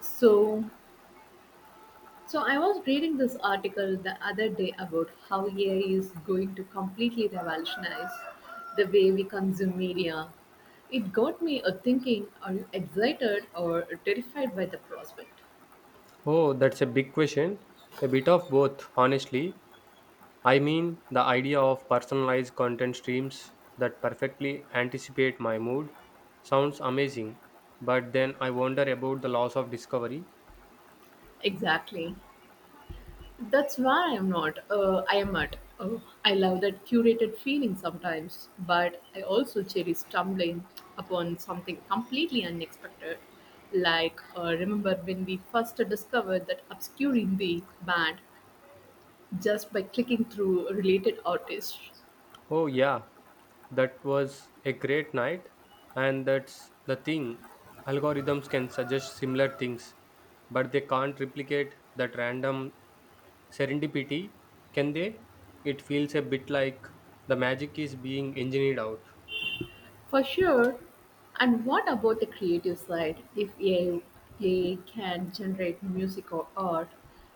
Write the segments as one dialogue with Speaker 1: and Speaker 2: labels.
Speaker 1: So, so, I was reading this article the other day about how AI is going to completely revolutionize the way we consume media. It got me a thinking, are you excited or terrified by the prospect?
Speaker 2: Oh, that's a big question. A bit of both, honestly. I mean, the idea of personalized content streams that perfectly anticipate my mood sounds amazing, but then I wonder about the loss of discovery.
Speaker 1: Exactly. That's why I'm not. I am at. I love that curated feeling sometimes, but I also cherish stumbling upon something completely unexpected. Remember when we first discovered that obscure indie band just by clicking through related artists?
Speaker 2: Oh, yeah, that was a great night, and that's the thing. Algorithms can suggest similar things, but they can't replicate that random serendipity, can they? It feels a bit like the magic is being engineered out.
Speaker 1: For sure. And what about the creative side? If AI can generate music or art,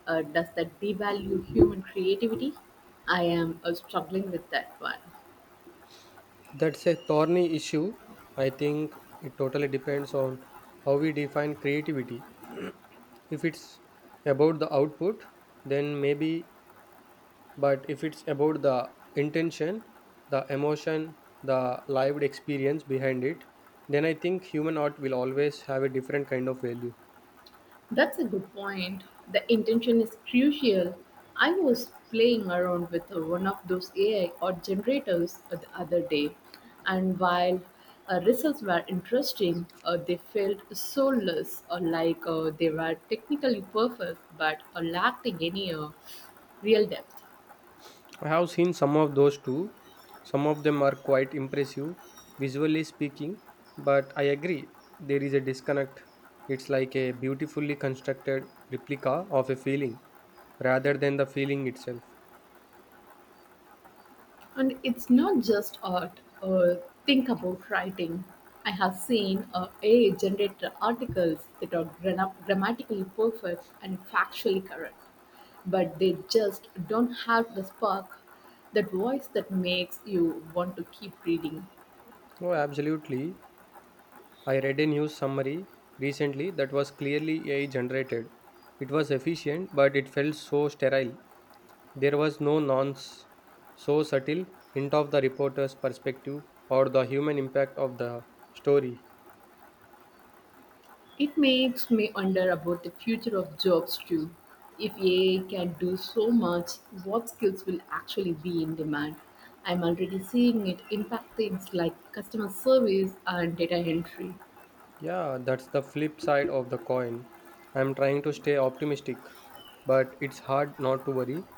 Speaker 1: does that devalue human creativity? I am struggling with that one.
Speaker 2: That's a thorny issue. I think it totally depends on how we define creativity. If it's about the output, then maybe, but if it's about the intention, the emotion, the lived experience behind it, then I think human art will always have a different kind of value.
Speaker 1: That's a good point. The intention is crucial. I was playing around with one of those AI or generators the other day, and while results were interesting, they felt soulless or like they were technically perfect but lacking any real depth.
Speaker 2: I have seen some of those too. Some of them are quite impressive, visually speaking, but I agree, there is a disconnect. It's like a beautifully constructed replica of a feeling rather than the feeling itself.
Speaker 1: And it's not just art. Think about writing. I have seen AI generate articles that are grammatically perfect and factually correct, but they just don't have the spark, that voice that makes you want to keep reading.
Speaker 2: Oh, absolutely. I read a news summary recently that was clearly AI generated. It was efficient, but it felt so sterile. There was no nonce, so subtle hint of the reporter's perspective or the human impact of the story.
Speaker 1: It makes me wonder about the future of jobs too. If AI can do so much, what skills will actually be in demand? I'm already seeing it impact things like customer service and data entry.
Speaker 2: Yeah, that's the flip side of the coin. I'm trying to stay optimistic, but it's hard not to worry.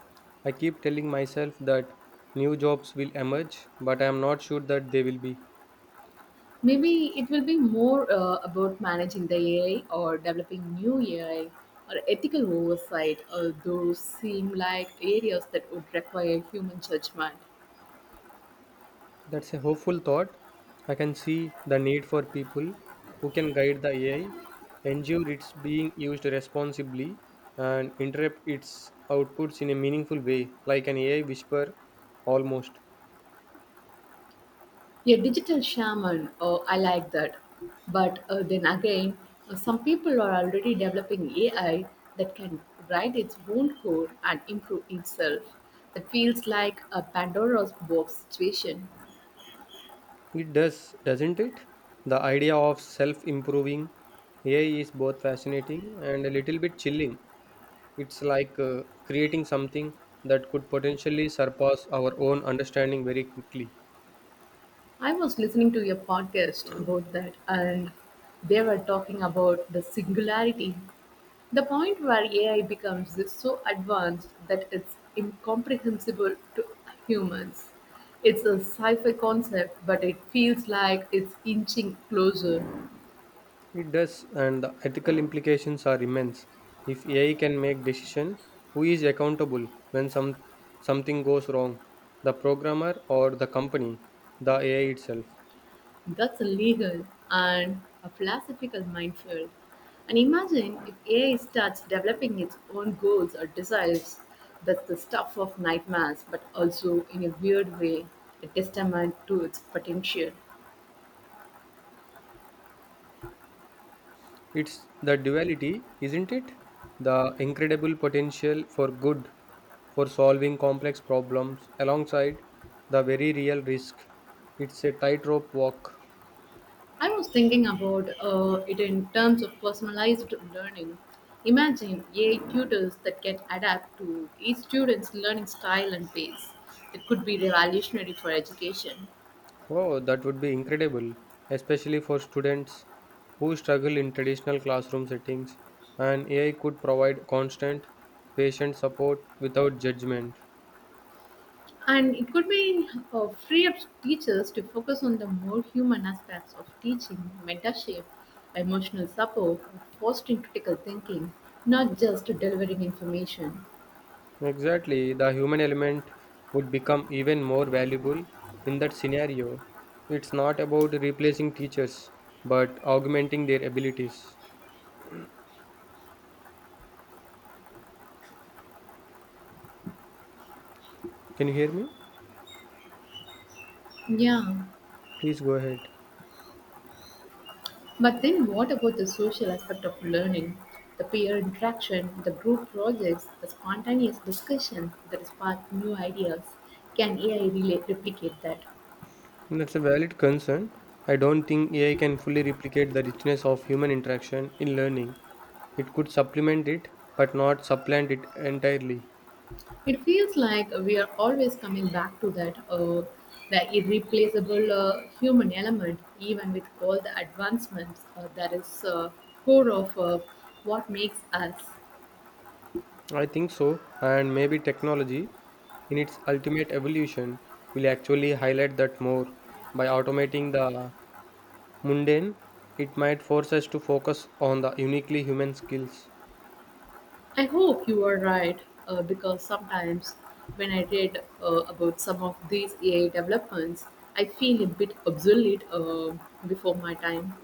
Speaker 2: I keep telling myself that new jobs will emerge, but I'm not sure that they will be.
Speaker 1: Maybe it will be more about managing the AI or developing new AI or ethical oversight, those seem like areas that would require human judgment.
Speaker 2: That's a hopeful thought. I can see the need for people who can guide the AI, ensure it's being used responsibly, and interrupt its outputs in a meaningful way, like an AI whisper almost.
Speaker 1: A digital shaman, oh, I like that. But then again, some people are already developing AI that can write its own code and improve itself. That feels like a Pandora's box situation.
Speaker 2: It does, doesn't it? The idea of self improving AI is both fascinating and a little bit chilling. It's like creating something that could potentially surpass our own understanding very quickly.
Speaker 1: I was listening to a podcast about that, and they were talking about the singularity, the point where AI becomes so advanced that it's incomprehensible to humans. It's a sci fi concept, but it feels like it's inching closer.
Speaker 2: It does, and the ethical implications are immense. If AI can make decision, who is accountable when something goes wrong? The programmer or the company? The AI itself?
Speaker 1: That's a legal and a philosophical minefield. And imagine if AI starts developing its own goals or desires. That's the stuff of nightmares, but also in a weird way, a testament to its potential.
Speaker 2: It's the duality, isn't it? The incredible potential for good, for solving complex problems, alongside the very real risk. It's a tightrope walk.
Speaker 1: I was thinking about it in terms of personalized learning. Imagine AI tutors that can adapt to each student's learning style and pace. It could be revolutionary for education.
Speaker 2: Oh, that would be incredible, especially for students who struggle in traditional classroom settings. And AI could provide constant, patient support without judgment.
Speaker 1: And it could be free up teachers to focus on the more human aspects of teaching, mentorship, emotional support, fostering critical thinking, not just delivering information.
Speaker 2: Exactly, the human element would become even more valuable in that scenario. It's not about replacing teachers, but augmenting their abilities. Can you hear me?
Speaker 1: Yeah,
Speaker 2: Please go ahead.
Speaker 1: but then what about the social aspect of learning? The peer interaction, the group projects, the spontaneous discussion that spark new ideas. Can AI really replicate that?
Speaker 2: That's a valid concern. I don't think AI can fully replicate the richness of human interaction in learning. It could supplement it, but not supplant it entirely.
Speaker 1: It feels like we are always coming back to that, the irreplaceable human element, even with all the advancements that is core of what makes us.
Speaker 2: I think so, and maybe technology, in its ultimate evolution, will actually highlight that more. By automating the mundane, it might force us to focus on the uniquely human skills.
Speaker 1: I hope you are right, because sometimes when I read about some of these AI developments, I feel a bit obsolete before my time.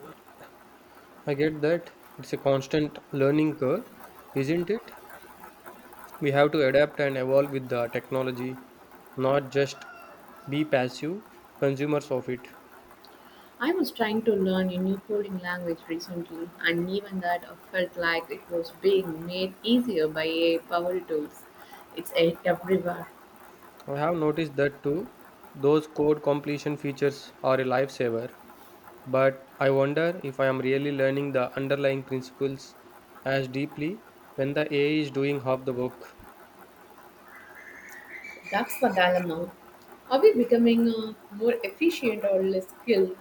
Speaker 2: I get that it's a constant learning curve, isn't it? We have to adapt and evolve with the technology, not just be passive consumers of it.
Speaker 1: I was trying to learn a new coding language recently, and even that felt like it was being made easier by AI powered tools. It's everywhere.
Speaker 2: I have noticed that too. Those code completion features are a lifesaver, but I wonder if I am really learning the underlying principles as deeply when the AI is doing half the work.
Speaker 1: That's the dilemma. Are we becoming more efficient or less skilled?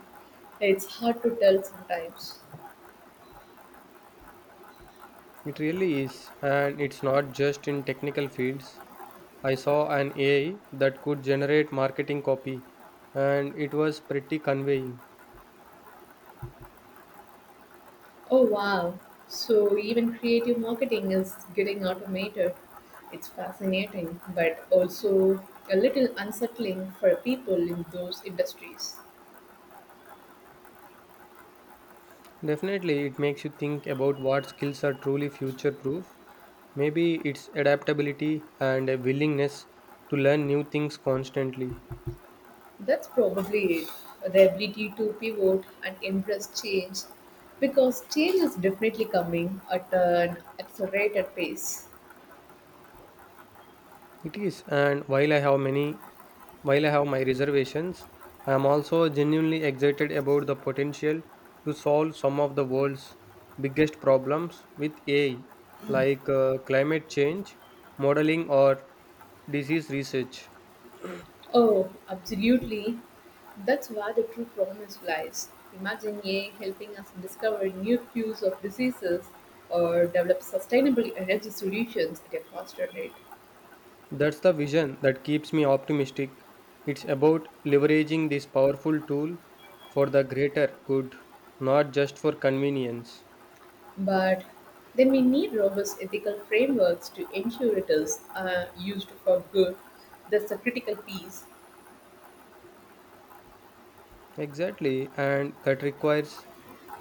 Speaker 1: It's hard to tell sometimes.
Speaker 2: It really is, and it's not just in technical fields. I saw an AI that could generate marketing copy, and it was pretty conveying.
Speaker 1: Oh wow. So even creative marketing is getting automated. It's fascinating, but also a little unsettling for people in those industries.
Speaker 2: Definitely, it makes you think about what skills are truly future proof. Maybe it's adaptability and a willingness to learn new things constantly.
Speaker 1: That's probably it. The ability to pivot and embrace change because change is definitely coming at an accelerated pace.
Speaker 2: It is, and while I have my reservations, I am also genuinely excited about the potential to solve some of the world's biggest problems with AI, like climate change, modeling, or disease research.
Speaker 1: Oh, absolutely. That's where the true promise lies. Imagine AI helping us discover new cures of diseases or develop sustainable energy solutions at a faster rate.
Speaker 2: That's the vision that keeps me optimistic. It's about leveraging this powerful tool for the greater good, not just for convenience.
Speaker 1: But then we need robust ethical frameworks to ensure it is used for good. That's a critical piece.
Speaker 2: Exactly, and that requires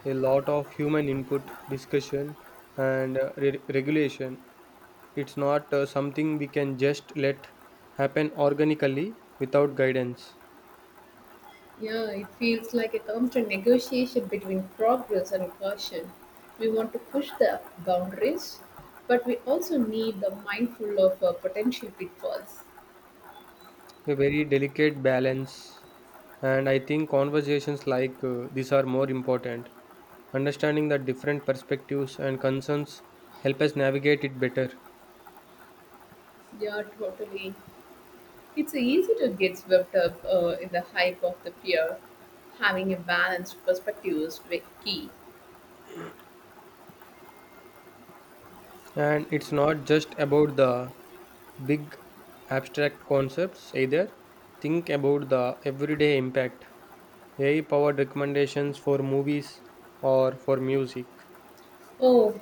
Speaker 2: a lot of human input, discussion, and regulation. It's not something we can just let happen organically without guidance.
Speaker 1: Yeah, it feels like a constant negotiation between progress and caution. We want to push the boundaries, but we also need the mindful of potential pitfalls.
Speaker 2: A very delicate balance, and I think conversations like these are more important. Understanding the different perspectives and concerns help us navigate it better.
Speaker 1: Yeah, totally. It's easy to get swept up in the hype of the fear. Having a balanced perspective is key.
Speaker 2: And it's not just about the big abstract concepts either. Think about the everyday impact. AI powered recommendations for movies or for music.
Speaker 1: Oh,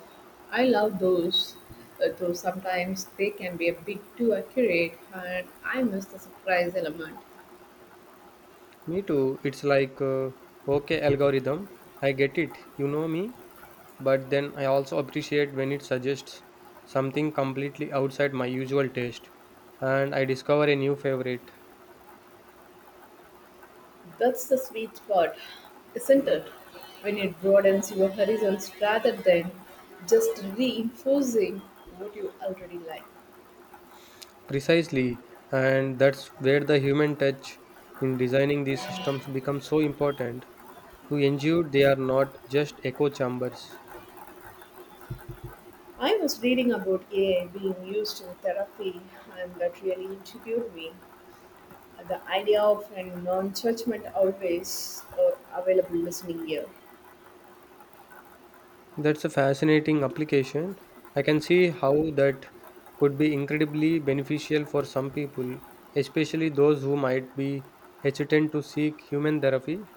Speaker 1: I love those. Though sometimes they can be a bit too accurate, and I miss the surprise element.
Speaker 2: Me too. It's like, okay, algorithm, I get it, you know me, but then I also appreciate when it suggests something completely outside my usual taste and I discover a new favorite.
Speaker 1: That's the sweet spot, isn't it? When it broadens your horizons rather than just reinforcing what you already like.
Speaker 2: Precisely, and that's where the human touch in designing these systems becomes so important to ensure they are not just echo chambers.
Speaker 1: I was reading about AI being used in therapy, and that really intrigued me. The idea of a non judgment, always available listening ear.
Speaker 2: That's a fascinating application. I can see how that could be incredibly beneficial for some people, especially those who might be hesitant to seek human therapy.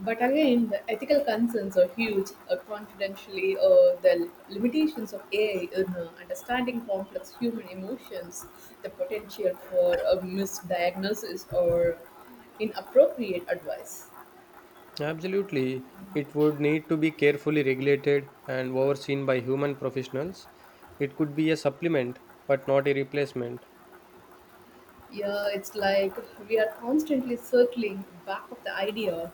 Speaker 1: But again, the ethical concerns are huge. Confidentially, the limitations of AI in understanding complex human emotions, the potential for a misdiagnosis or inappropriate advice.
Speaker 2: Absolutely. It would need to be carefully regulated and overseen by human professionals. It could be a supplement, but not a replacement.
Speaker 1: Yeah, it's like we are constantly circling back of the idea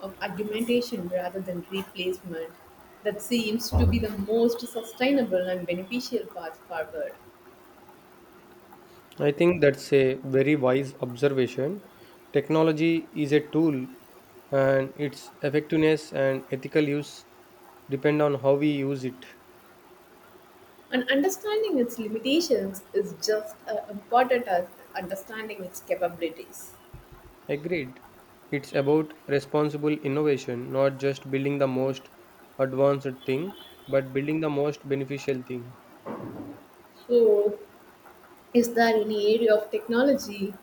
Speaker 1: of argumentation rather than replacement. That seems to be the most sustainable and beneficial path forward.
Speaker 2: I think that's a very wise observation. Technology is a tool, and its effectiveness and ethical use depend on how we use it.
Speaker 1: And understanding its limitations is just as important as understanding its capabilities.
Speaker 2: Agreed. It's about responsible innovation, not just building the most advanced thing, but building the most beneficial thing.
Speaker 1: So, is there any area of technology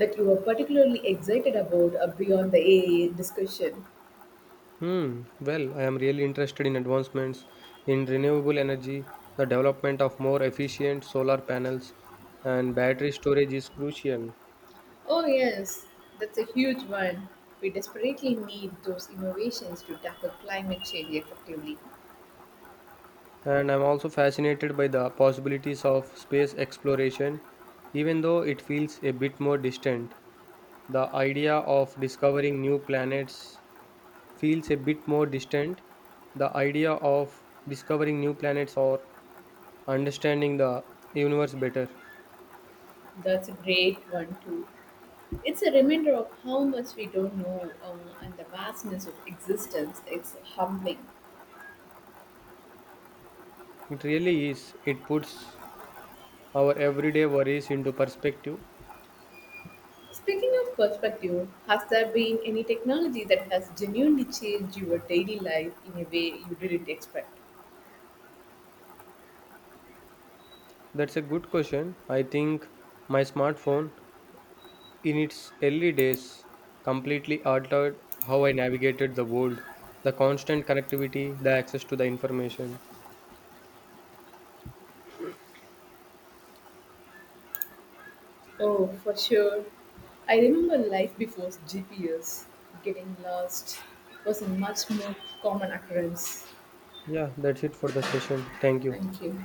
Speaker 1: that you are particularly excited about beyond the AI discussion?
Speaker 2: Hmm. Well, I am really interested in advancements in renewable energy. The development of more efficient solar panels and battery storage is crucial.
Speaker 1: Oh, yes, that's a huge one. We desperately need those innovations to tackle climate change effectively.
Speaker 2: And I'm also fascinated by the possibilities of space exploration, even though it feels a bit more distant. The idea of discovering new planets feels a bit more distant. The idea of discovering new planets or understanding the universe better.
Speaker 1: That's a great one, too. It's a reminder of how much we don't know and the vastness of existence. It's humbling.
Speaker 2: It really is. It puts our everyday worries into perspective.
Speaker 1: Speaking of perspective, has there been any technology that has genuinely changed your daily life in a way you didn't expect?
Speaker 2: That's a good question. I think my smartphone, in its early days, completely altered how I navigated the world, the constant connectivity, the access to the information.
Speaker 1: Oh, for sure. I remember life before GPS, getting lost was a much more common occurrence.
Speaker 2: Yeah, that's it for the session. Thank you.
Speaker 1: Thank you.